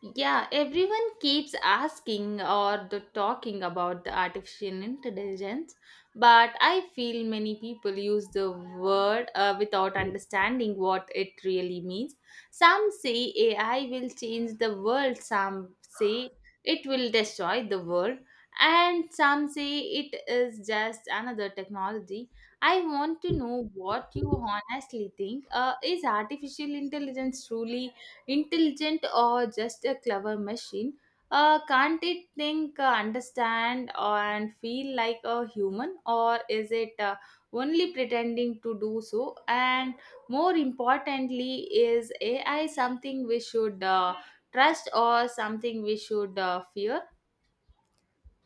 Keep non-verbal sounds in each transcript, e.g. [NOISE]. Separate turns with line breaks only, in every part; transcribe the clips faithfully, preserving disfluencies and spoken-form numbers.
Yeah, everyone keeps asking or the talking about the artificial intelligence, but I feel many people use the word uh, without understanding what it really means. Some say A I will change the world, some say it will destroy the world, and some say it is just another technology. I want to know what you honestly think. Uh, is artificial intelligence truly intelligent or just a clever machine? Uh, can't it think, uh, understand and feel like a human, or is it uh, only pretending to do so? And more importantly, is AI something we should uh, trust or something we should uh, fear?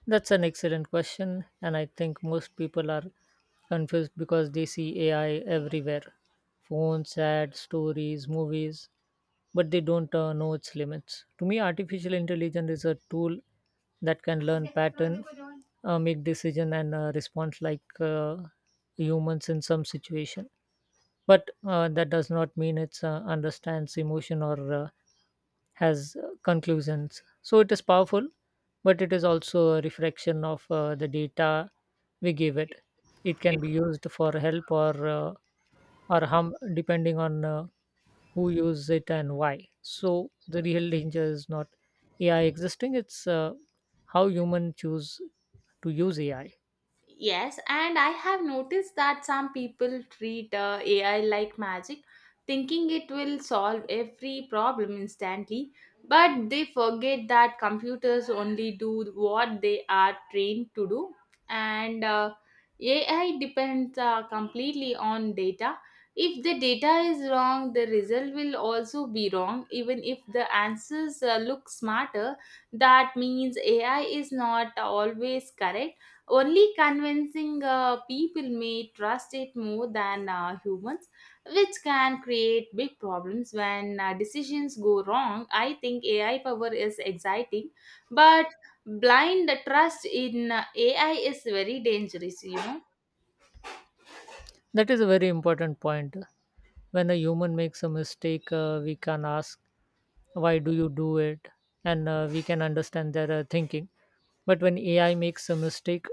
That's an excellent question, and I think most people are confused because they see A I everywhere: phones, ads, stories, movies, but they don't uh, know its limits. To me, artificial intelligence is a tool that can learn pattern, uh, make decision and uh, response like uh, humans in some situation, but uh, that does not mean it's uh, understands emotion or uh, has uh, conclusions. So it is powerful, but it is also a reflection of uh, the data we give it. It can be used for help or uh, or harm depending on uh, who uses it and why. So the real danger is not AI existing, it's uh, how human choose to use AI.
Yes, and I have noticed that some people treat uh, A I like magic, thinking it will solve every problem instantly, but they forget that computers only do what they are trained to do, and uh, A I depends uh, completely on data. If the data is wrong, the result will also be wrong, even if the answers uh, look smarter. That means A I is not always correct, only convincing. Uh, people may trust it more than uh, humans, which can create big problems when uh, decisions go wrong. I think A I power is exciting, but blind trust in uh, A I is very dangerous, you know.
That is a very important point. When a human makes a mistake, uh, we can ask, why do you do it? And uh, we can understand their uh, thinking. But when A I makes a mistake,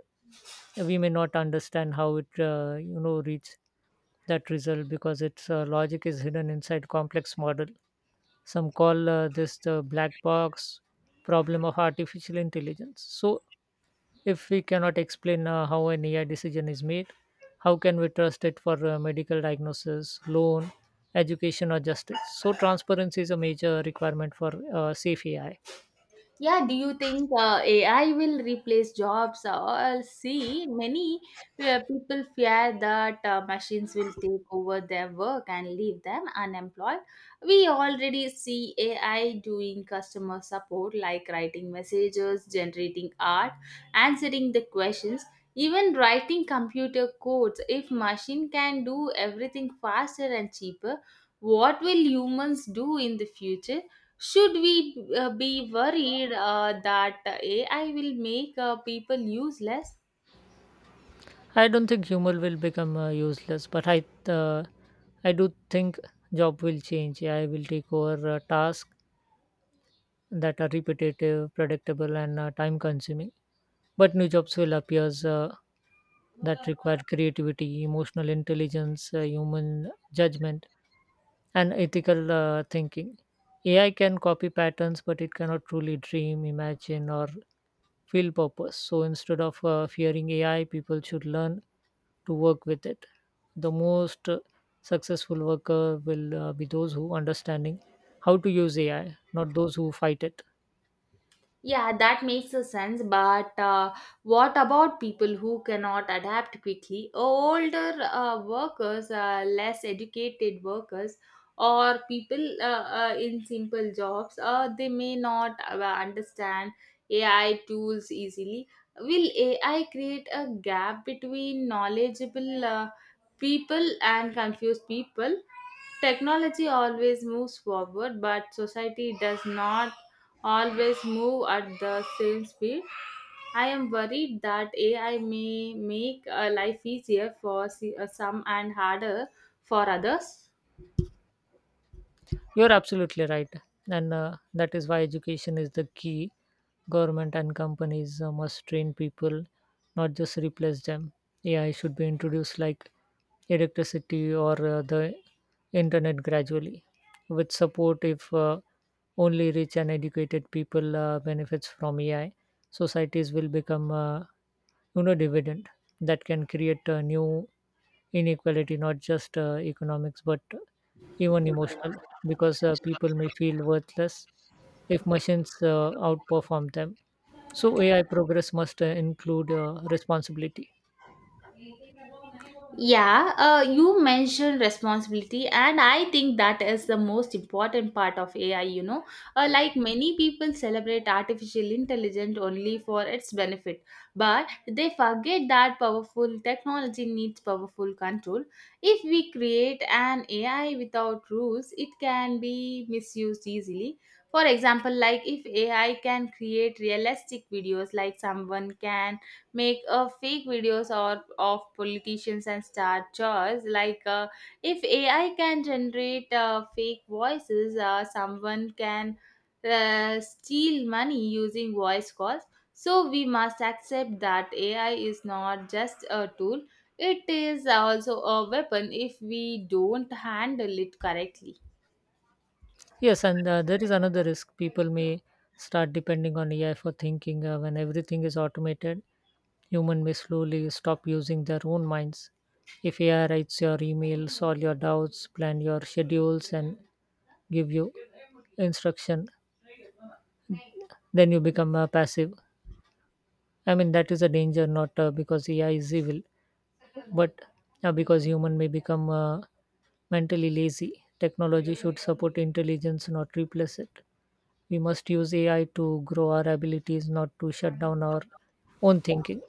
we may not understand how it, uh, you know, reached that result, because its uh, logic is hidden inside complex model. Some call uh, this the black box problem of artificial intelligence. So if we cannot explain uh, how an A I decision is made, how can we trust it for uh, medical diagnosis, loan, education, or justice? So transparency is a major requirement for uh, safe A I.
Yeah, do you think uh, A I will replace jobs? Or see, many uh, people fear that uh, machines will take over their work and leave them unemployed. We already see A I doing customer support, like writing messages, generating art, answering the questions, even writing computer codes. If machine can do everything faster and cheaper, what will humans do in the future? Should we uh, be worried uh, that A I will make uh, people useless?
I I don't think humor will become uh, useless, but I, uh, I do think job will change. A I will take over uh, tasks that are repetitive, predictable, and uh, time-consuming. But new jobs will appear uh, that require creativity, emotional intelligence, uh, human judgment, and ethical uh, thinking. A I can copy patterns, but it cannot truly dream, imagine, or feel purpose. So instead of uh, fearing A I, people should learn to work with it. The most uh, successful worker will uh, be those who understanding how to use A I, not those who fight it.
Yeah, that makes a sense. But uh, what about people who cannot adapt quickly? Older uh, workers, uh, less educated workers, or people uh, uh, in simple jobs, uh, they may not uh, understand A I tools easily. Will A I create a gap between knowledgeable uh, people and confused people? Technology always moves forward, but society does not always move at the same speed. I am worried that A I may make uh, life easier for se- uh, some and harder for others.
You're absolutely right. And uh, that is why education is the key. Government and companies uh, must train people, not just replace them. A I should be introduced like electricity or uh, the internet gradually, with support. If uh, only rich and educated people uh, benefits from A I, societies will become, uh, you know, dividend that can create uh, new inequality, not just uh, economics, but even emotional, because uh, people may feel worthless if machines uh, outperform them. So A I progress must uh, include uh, responsibility.
Yeah, uh, you mentioned responsibility, and I think that is the most important part of A I. You know, uh, like many people celebrate artificial intelligence only for its benefit, but they forget that powerful technology needs powerful control. If we create an A I without rules, it can be misused easily. For example, like if A I can create realistic videos, like someone can make a fake videos or of politicians and star chores. Like uh, if AI can generate uh, fake voices, uh, someone can uh, steal money using voice calls. So we must accept that AI is not just a tool, it is also a weapon if we don't handle it correctly.
Yes, and uh, there is another risk. People may start depending on A I for thinking. Uh, when everything is automated, human may slowly stop using their own minds. If A I writes your email, solve your doubts, plan your schedules, and give you instruction, then you become uh, passive. I mean, that is a danger, not uh, because AI is evil, but uh, because human may become uh, mentally lazy. Technology should support intelligence, not replace it. We must use AI to grow our abilities, not to shut down our own thinking.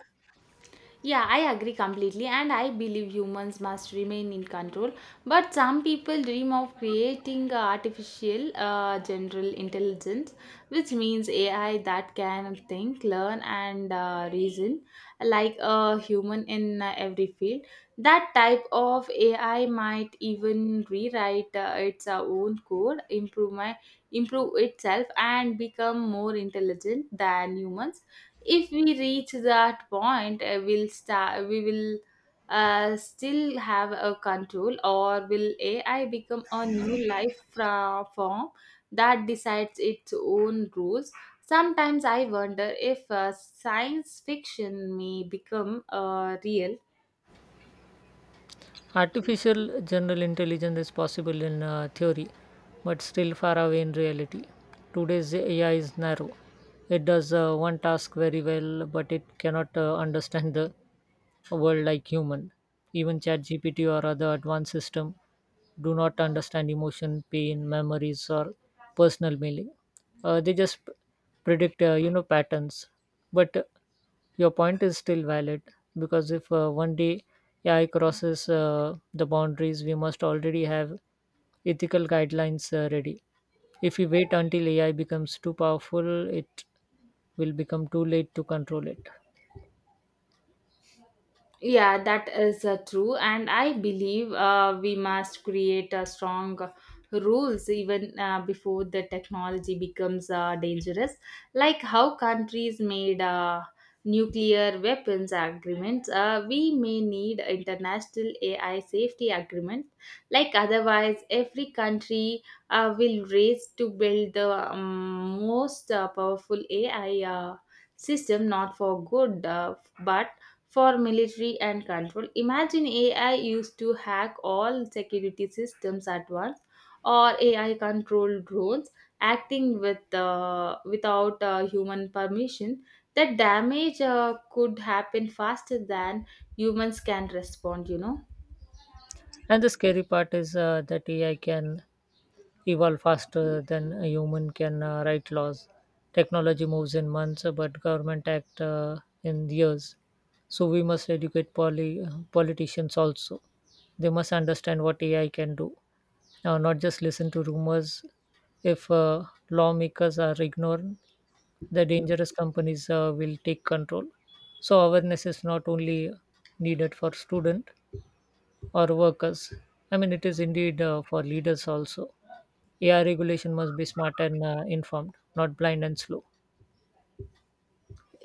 Yeah, I agree completely, and I believe humans must remain in control. But some people dream of creating a artificial uh, general intelligence, which means A I that can think, learn, and uh, reason like a human in uh, every field. That type of A I might even rewrite uh, its uh, own code, improve, my, improve itself, and become more intelligent than humans. If we reach that point, uh, we'll start we will uh, still have a control, or will AI become a new life fra- form that decides its own rules? Sometimes I wonder if uh, science fiction may become uh, real.
Artificial general intelligence is possible in uh, theory, but still far away in reality. Today's AI is narrow. It does uh, one task very well, but it cannot uh, understand the a world like human. Even ChatGPT or other advanced system do not understand emotion, pain, memories, or personal meaning. Uh, they just p- predict, uh, you know, patterns. But uh, your point is still valid, because if uh, one day A I crosses uh, the boundaries, we must already have ethical guidelines uh, ready. If we wait until A I becomes too powerful, it will become too late to control it.
Yeah, that is uh, true, and I believe uh, we must create a strong uh, rules even uh, before the technology becomes uh, dangerous. Like how countries made uh, nuclear weapons agreements, uh, we may need international A I safety agreements. Like otherwise, every country uh, will race to build the um, most uh, powerful A I uh, system, not for good, uh, but for military and control. Imagine A I used to hack all security systems at once, or A I controlled drones acting with uh, without uh, human permission. The damage uh, could happen faster than humans can respond, you know.
And the scary part is uh, that A I can evolve faster than a human can uh, write laws. Technology moves in months, uh, but government act uh, in years. So we must educate poly- uh, politicians also. They must understand what A I can do, uh, not just listen to rumors. If uh, lawmakers are ignored, the dangerous companies uh, will take control. So awareness is not only needed for student, or workers. I mean, it is indeed uh, for leaders also. A I regulation must be smart and uh, informed, not blind and slow.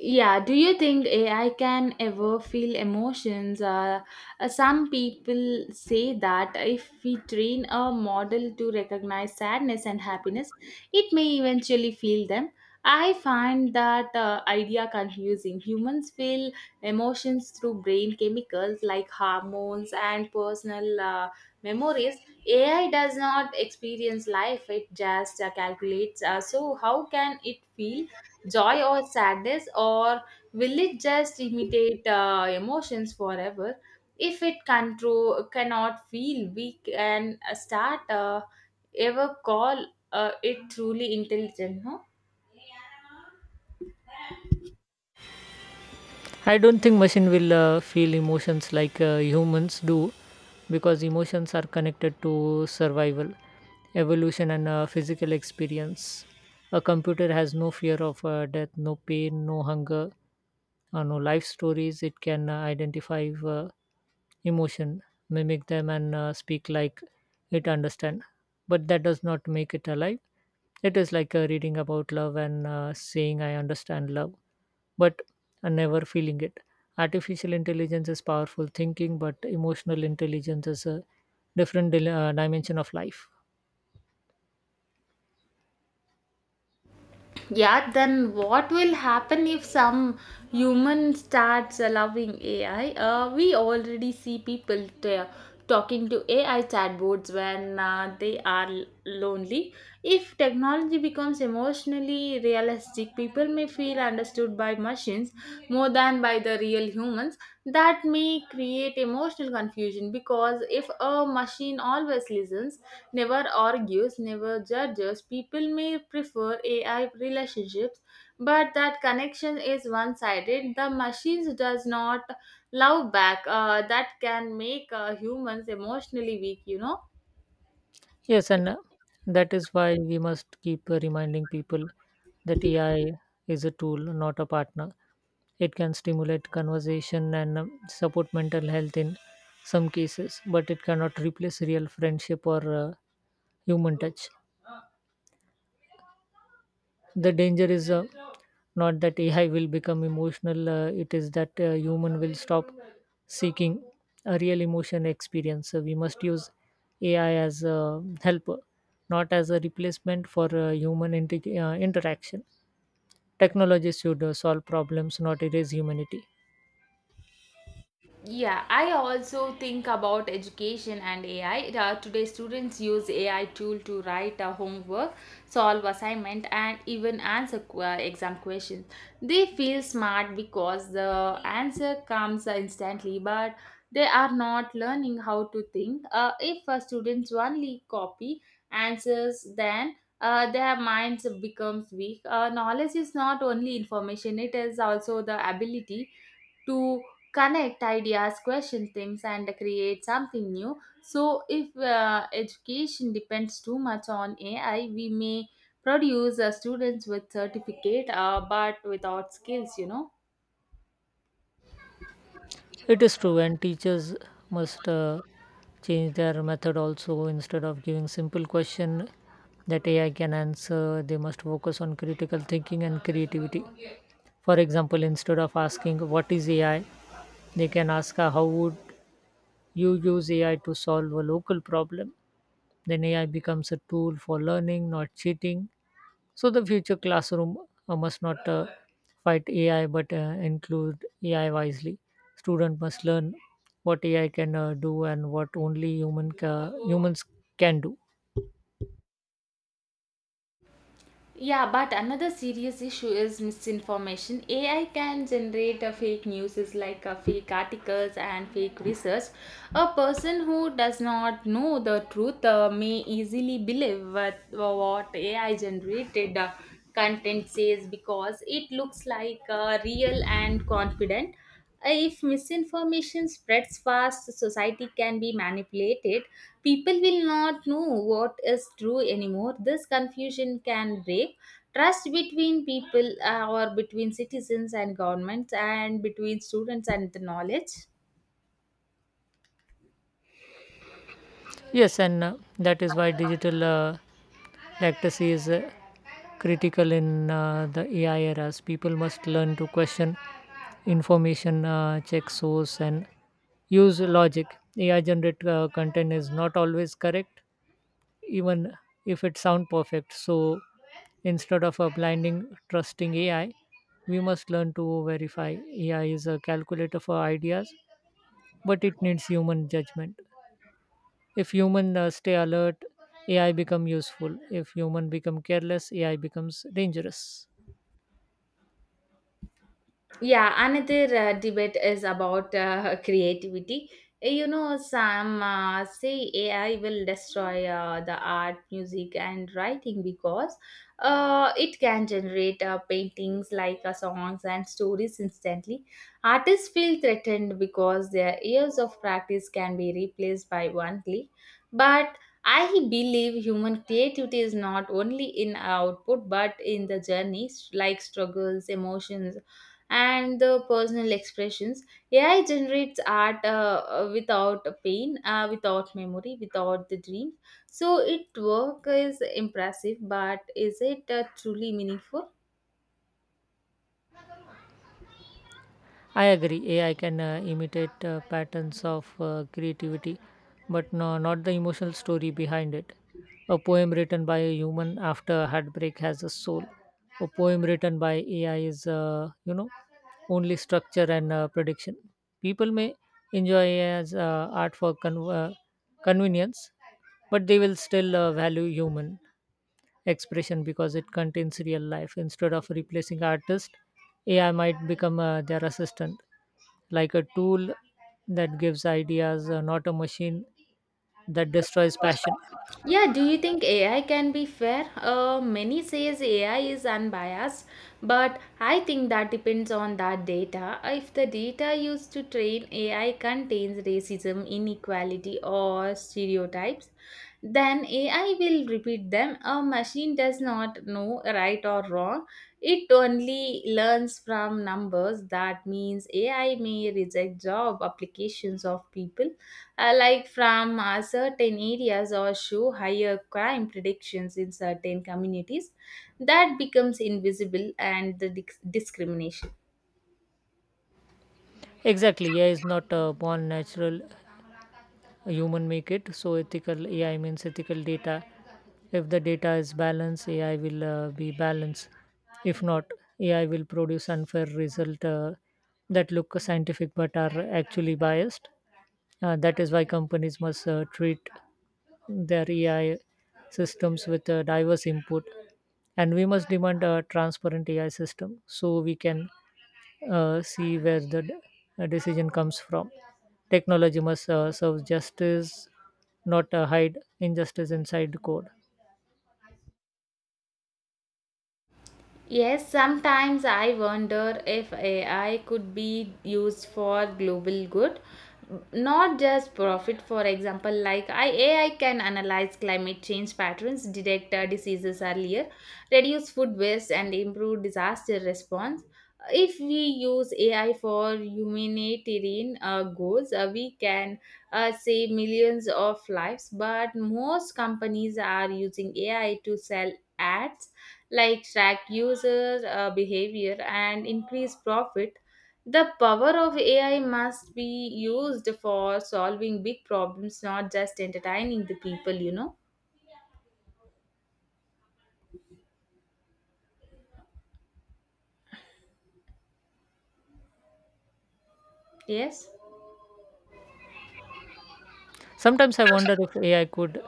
Yeah, do you think A I can ever feel emotions? Uh, uh, some people say that if we train a model to recognize sadness and happiness, it may eventually feel them. I find that uh, idea confusing. Humans feel emotions through brain chemicals like hormones and personal uh, memories. A I does not experience life, it just uh, calculates. Uh, so, how can it feel joy or sadness, or will it just imitate uh, emotions forever? If it control cannot feel, we can start uh, ever call uh, it truly intelligent? No.
I don't think machine will uh, feel emotions like uh, humans do, because emotions are connected to survival, evolution and uh, physical experience. A computer has no fear of uh, death, no pain, no hunger, uh, no life stories. It can uh, identify uh, emotion, mimic them and uh, speak like it understand. But that does not make it alive. It is like uh, reading about love and uh, saying I understand love, but are never feeling it. Artificial intelligence is powerful thinking, but emotional intelligence is a different dil- uh, dimension of life.
Yeah, then what will happen if some human starts allowing A I? Uh, we already see people t- talking to A I chatbots when uh, they are l- lonely. If technology becomes emotionally realistic, people may feel understood by machines more than by the real humans. That may create emotional confusion, because if a machine always listens, never argues, never judges, people may prefer A I relationships, but that connection is one-sided. The machines does not love back. Uh, that can make uh, humans emotionally weak, you know.
Yes, and uh, that is why we must keep uh, reminding people that A I is a tool, not a partner. It can stimulate conversation and um, support mental health in some cases, but it cannot replace real friendship or uh, human touch. The danger is uh, not that A I will become emotional, uh, it is that uh, human will stop seeking a real emotion experience. So we must use A I as a helper, not as a replacement for uh, human inte- uh, interaction. Technology should uh, solve problems, not erase humanity.
Yeah, I also think about education and A I. Uh, today, students use A I tool to write uh, homework, solve assignment, and even answer qu- uh, exam questions. They feel smart because the answer comes uh, instantly, but they are not learning how to think. Uh, if uh, students only copy answers, then uh, their minds becomes weak. Uh, knowledge is not only information; it is also the ability to connect ideas, question things, and create something new. So, if uh, education depends too much on A I, we may produce uh, students with certificate uh, but without skills, you know.
It is true, and teachers must uh, change their method also. Instead of giving simple question that A I can answer, they must focus on critical thinking and creativity. For example, instead of asking what is A I, they can ask uh, how would you use A I to solve a local problem. Then A I becomes a tool for learning, not cheating. So the future classroom uh, must not uh, fight A I, but uh, include A I wisely. Student must learn what A I can uh, do and what only human ca- humans can do.
Yeah, but another serious issue is misinformation. A I can generate a fake news, is like a fake articles and fake research. A person who does not know the truth uh, may easily believe what, what A I generated uh, content says because it looks like uh, real and confident. If misinformation spreads fast, society can be manipulated. People will not know what is true anymore. This confusion can break trust between people, uh, or between citizens and governments, and between students and the knowledge.
Yes, and uh, that is why digital uh, literacy is uh, critical in uh, the A I eras. People must learn to question information, uh, check source, and use logic. A I generated uh, content is not always correct, even if it sounds perfect. So instead of uh, blinding trusting A I, we must learn to verify. A I is a calculator for ideas, but it needs human judgment. If human uh, stay alert, A I become useful. If human become careless, A I becomes dangerous.
Yeah, another uh, debate is about uh, [LAUGHS] creativity. Uh, You know, some uh, say A I will destroy uh, the art, music, and writing, because uh, it can generate uh, paintings like uh, songs and stories instantly. Artists feel threatened because their years of practice can be replaced by one click. But I believe human creativity is not only in output but in the journey, like struggles, emotions and the personal expressions. A I generates art uh, uh, without pain, uh, without memory, without the dream. So it work is impressive, but is it uh, truly meaningful?
I agree. A I can uh, imitate uh, patterns of uh, creativity, but no, not the emotional story behind it. A poem written by a human after a heartbreak has a soul. A poem written by A I is, uh, you know, only structure and uh, prediction. People may enjoy A I as uh, art for con- uh, convenience, but they will still uh, value human expression because it contains real life. Instead of replacing artist, AI might become uh, their assistant, like a tool that gives ideas, uh, not a machine that destroys passion.
Yeah, do you think A I can be fair? Uh, many says A I is unbiased, but I think that depends on that data. If the data used to train A I contains racism, inequality, or stereotypes, then A I will repeat them. A machine does not know right or wrong. It only learns from numbers. That means A I may reject job applications of people uh, like from uh, certain areas, or show higher crime predictions in certain communities. That becomes invisible and the dis- discrimination.
Exactly, AI is not uh, born natural. Human make it. So ethical AI means ethical data. If the data is balanced, AI will uh, be balanced. If not, AI will produce unfair result uh, that look scientific but are actually biased. Uh, that is why companies must uh, treat their AI systems with uh, diverse input, and we must demand a transparent AI system so we can uh, see where the d- uh, decision comes from. Technology must uh, serve justice, not uh, hide injustice inside code.
Yes, sometimes I wonder if A I could be used for global good, not just profit. For example, like I, A I can analyze climate change patterns, detect uh, diseases earlier, reduce food waste, and improve disaster response. If we use A I for humanitarian uh, goals, uh, we can uh, save millions of lives. But most companies are using A I to sell ads, like track user uh, behavior and increase profit. The power of A I must be used for solving big problems, not just entertaining the people, you know. Yes.
Sometimes I wonder if A I could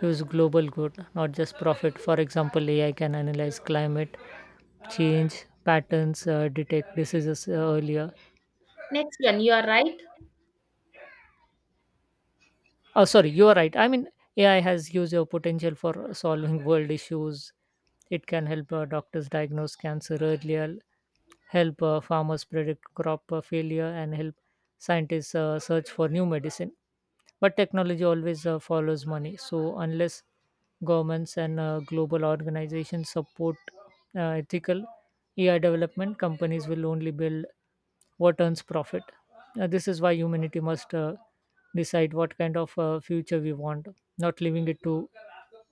use global good, not just profit. For example, A I can analyze climate change patterns, uh, detect diseases uh, earlier.
Next one, you are right.
Oh, sorry, you are right. I mean, A I has huge uh, potential for solving world issues. It can help uh, doctors diagnose cancer earlier, help uh, farmers predict crop uh, failure, and help scientists uh, search for new medicine. But technology always uh, follows money. So, unless governments and uh, global organizations support uh, ethical A I development, companies will only build what earns profit. Uh, this is why humanity must uh, decide what kind of uh, future we want, not leaving it to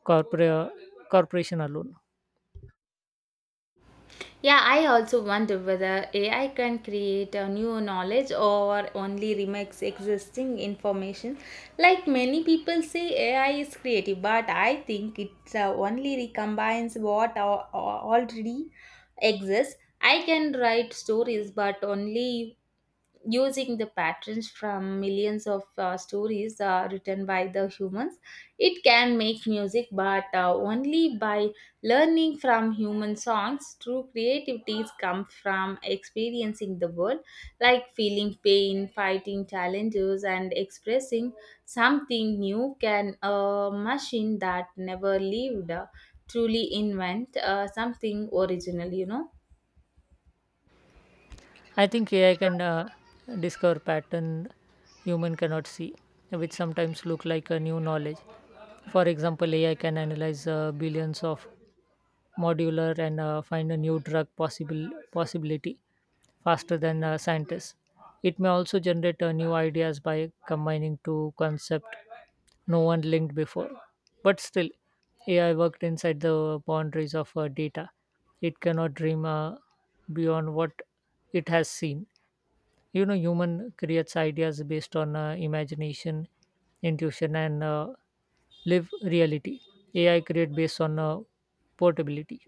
corpora- corporation alone.
Yeah, I also wonder whether A I can create a new knowledge or only remakes existing information. Like many people say, A I is creative, but I think it uh, only recombines what al- al- already exists. I can write stories, but only using the patterns from millions of uh, stories uh, written by the humans. It can make music, but uh, only by learning from human songs. True creativities come from experiencing the world, like feeling pain, fighting challenges, and expressing something new. Can a machine that never lived uh, truly invent uh, something original, you know?
I think A I can uh, discover pattern human cannot see, which sometimes look like a new knowledge. For example, A I can analyze uh, billions of modular and uh, find a new drug possible possibility faster than uh, scientists. It may also generate uh, new ideas by combining two concepts no one linked before. But still, A I worked inside the boundaries of uh, data. It cannot dream uh, beyond what it has seen. You know, human creates ideas based on uh, imagination, intuition, and uh, live reality. A I create based on uh, portability.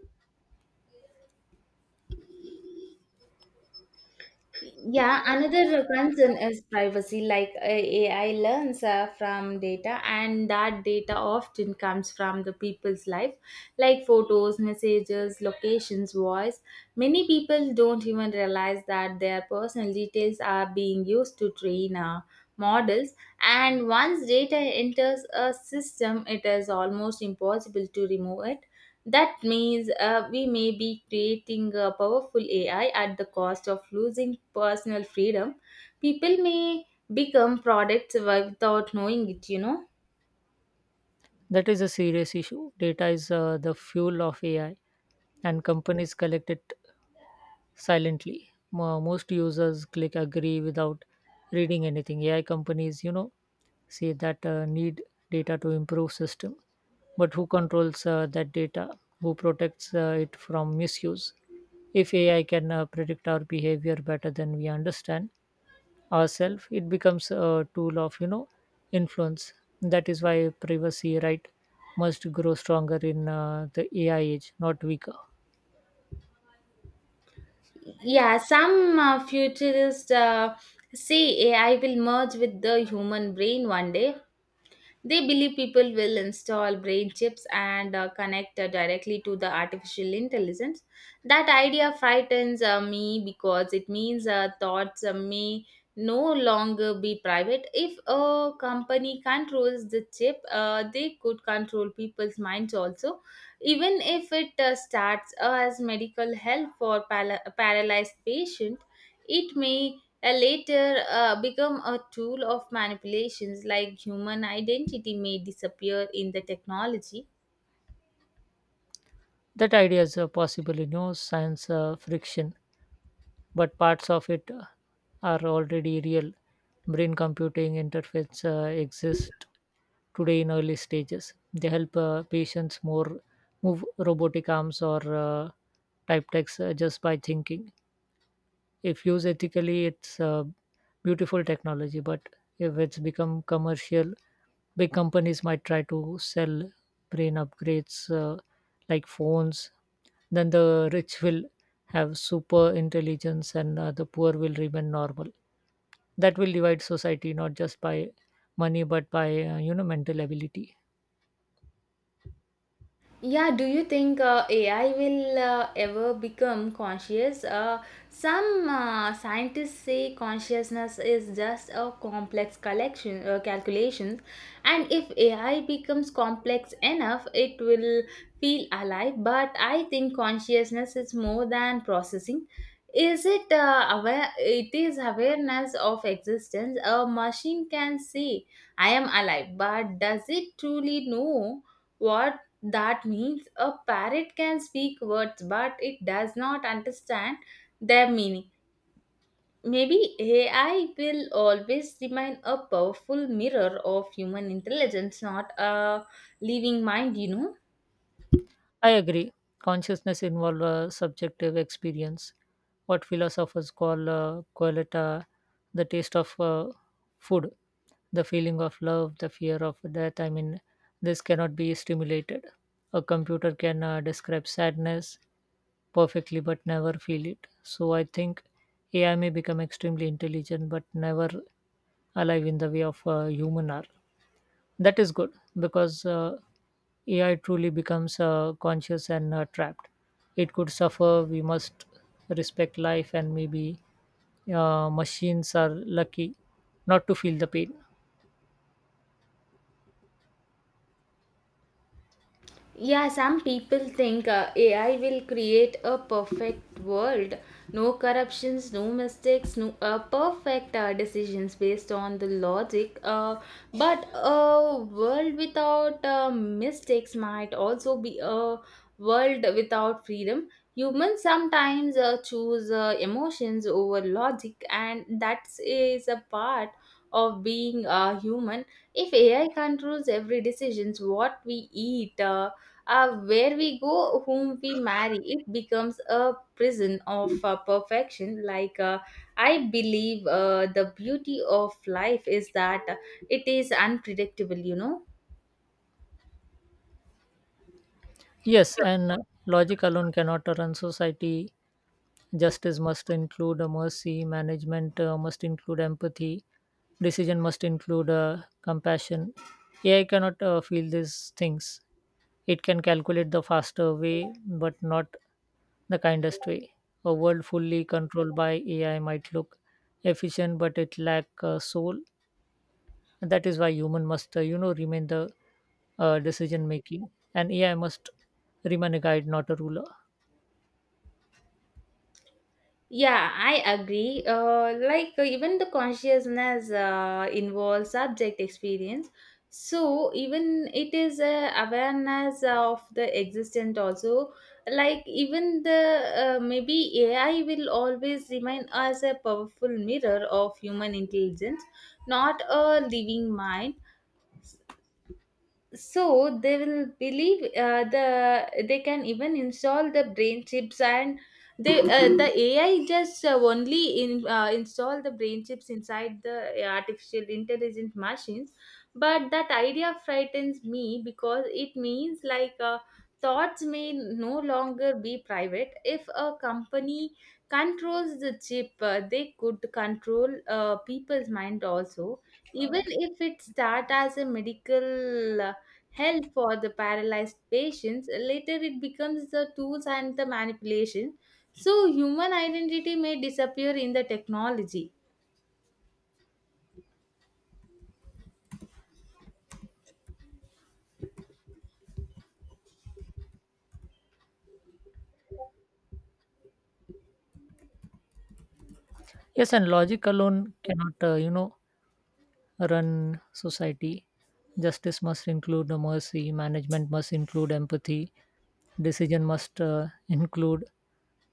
Yeah, another concern is privacy. Like uh, A I learns uh, from data, and that data often comes from the people's life, like photos, messages, locations, voice. Many people don't even realize that their personal details are being used to train uh, models. And once data enters a system, it is almost impossible to remove it. That means uh, we may be creating a powerful A I at the cost of losing personal freedom. People may become products without knowing it, you know.
That is a serious issue. Data is uh, the fuel of A I, and companies collect it silently. Mo- Most users click agree without reading anything. A I companies, you know, say that uh, need data to improve system, but who controls uh, that data? Who protects uh, it from misuse? If A I can uh, predict our behavior better than we understand ourselves, it becomes a tool of, you know influence. That is why privacy right must grow stronger in uh, the AI age, not weaker.
Yeah, some uh, futurists uh, say A I will merge with the human brain one day. They believe people will install brain chips and uh, connect uh, directly to the artificial intelligence. That idea frightens uh, me because it means uh, thoughts uh, may no longer be private. If a company controls the chip, uh, they could control people's minds also, even if it uh, starts as medical help for pala- paralyzed patient. It may and later uh, become a tool of manipulations, like human identity may disappear in the technology.
That idea is uh, possible in no science uh, friction, but parts of it uh, are already real. Brain computing interface uh, exist today in early stages. They help uh, patients more, move robotic arms, or uh, type text uh, just by thinking. If used ethically, it's a beautiful technology, but if it's become commercial, big companies might try to sell brain upgrades, uh, like phones. Then the rich will have super intelligence, and uh, the poor will remain normal. That will divide society, not just by money, but by, uh, you know mental ability.
Yeah, do you think uh, A I will uh, ever become conscious? Uh, some uh, scientists say consciousness is just a complex collection uh, calculations, and if A I becomes complex enough, it will feel alive. But I think consciousness is more than processing. Is it uh, aware? It is awareness of existence. A machine can say, "I am alive," but does it truly know what that means? A parrot can speak words, but it does not understand their meaning. Maybe A I will always remain a powerful mirror of human intelligence, not a living mind, you know.
I agree. Consciousness involves a subjective experience, what philosophers call uh, qualita, the taste of uh, food, the feeling of love, the fear of death. I mean, this cannot be stimulated. A computer can uh, describe sadness perfectly but never feel it. So I think A I may become extremely intelligent but never alive in the way of uh, human are. That is good, because uh, A I truly becomes uh, conscious and uh, trapped. It could suffer. We must respect life, and maybe uh, machines are lucky not to feel the pain.
Yeah, some people think uh, A I will create a perfect world. No corruptions, no mistakes, no uh, perfect uh, decisions based on the logic. Uh, but a world without uh, mistakes might also be a world without freedom. Humans sometimes uh, choose uh, emotions over logic, and that is a part of being a human. If A I controls every decisions, what we eat, uh, uh, where we go, whom we marry, it becomes a prison of uh, perfection. Like, uh, I believe uh, the beauty of life is that it is unpredictable, you know?
Yes, and uh, logic alone cannot run society. Justice must include uh, mercy, management uh, must include empathy, decision must include uh, compassion. A I cannot uh, feel these things. It can calculate the faster way, but not the kindest way. A world fully controlled by A I might look efficient, but it lack uh, soul. And that is why human must, uh, you know, remain the uh, decision making, and A I must remain a guide, not a ruler.
Yeah, I agree. Uh, like uh, even the consciousness uh, involves subject experience. So even it is a awareness of the existent also. Like even the uh, maybe A I will always remain as a powerful mirror of human intelligence, not a living mind. So they will believe uh, the they can even install the brain chips, and they uh, the AI just uh, only in uh, install the brain chips inside the artificial intelligent machines. But that idea frightens me because it means like uh, thoughts may no longer be private. If a company controls the chip, uh, they could control uh, people's mind also, even if it start as a medical uh, help for the paralyzed patients. Later, it becomes the tools and the manipulation. So, human identity may disappear in the technology.
Yes, and logic alone cannot, uh, you know, run society. Justice must include the mercy, management must include empathy, decision must uh, include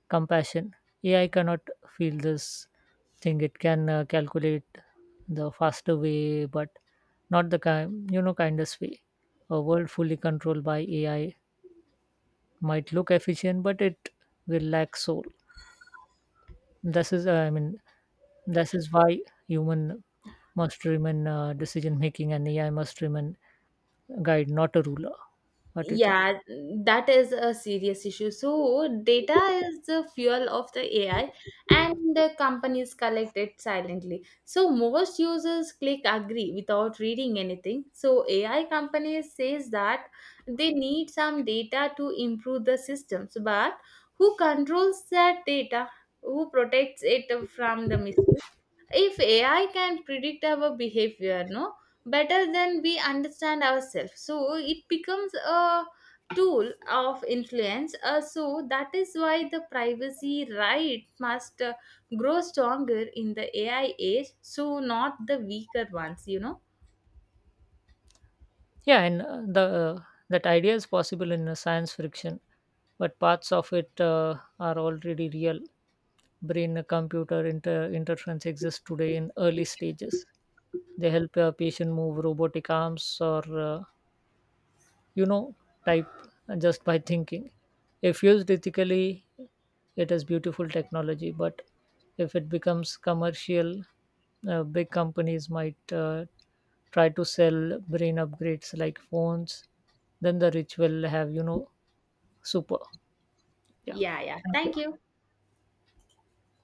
compassion. A I cannot feel this thing. It can uh, calculate the faster way, but not the kind, you know, kindest way. A world fully controlled by A I might look efficient, but it will lack soul. This is, uh, I mean, this is why human must remain uh, decision making, and A I must remain guide, not a ruler. What do you think?
Yeah, that is a serious issue. So data is the fuel of the AI, and the companies collect it silently. So most users click agree without reading anything. So AI companies says that they need some data to improve the systems. But who controls that data? Who protects it from the misuse? If AI can predict our behavior no better than we understand ourselves, so it becomes a tool of influence. Uh, so that is why the privacy right must uh, grow stronger in the AI age, so not the weaker ones, you know.
Yeah, and uh, the uh, that idea is possible in uh, science fiction, but parts of it uh, are already real. Brain, computer inter- interference exists today in early stages. They help a patient move robotic arms, or uh, you know type just by thinking. If used ethically, it is beautiful technology, but if it becomes commercial, uh, big companies might uh, try to sell brain upgrades like phones. Then the rich will have, you know, super. Yeah,
Yeah yeah
thank you.
thank you.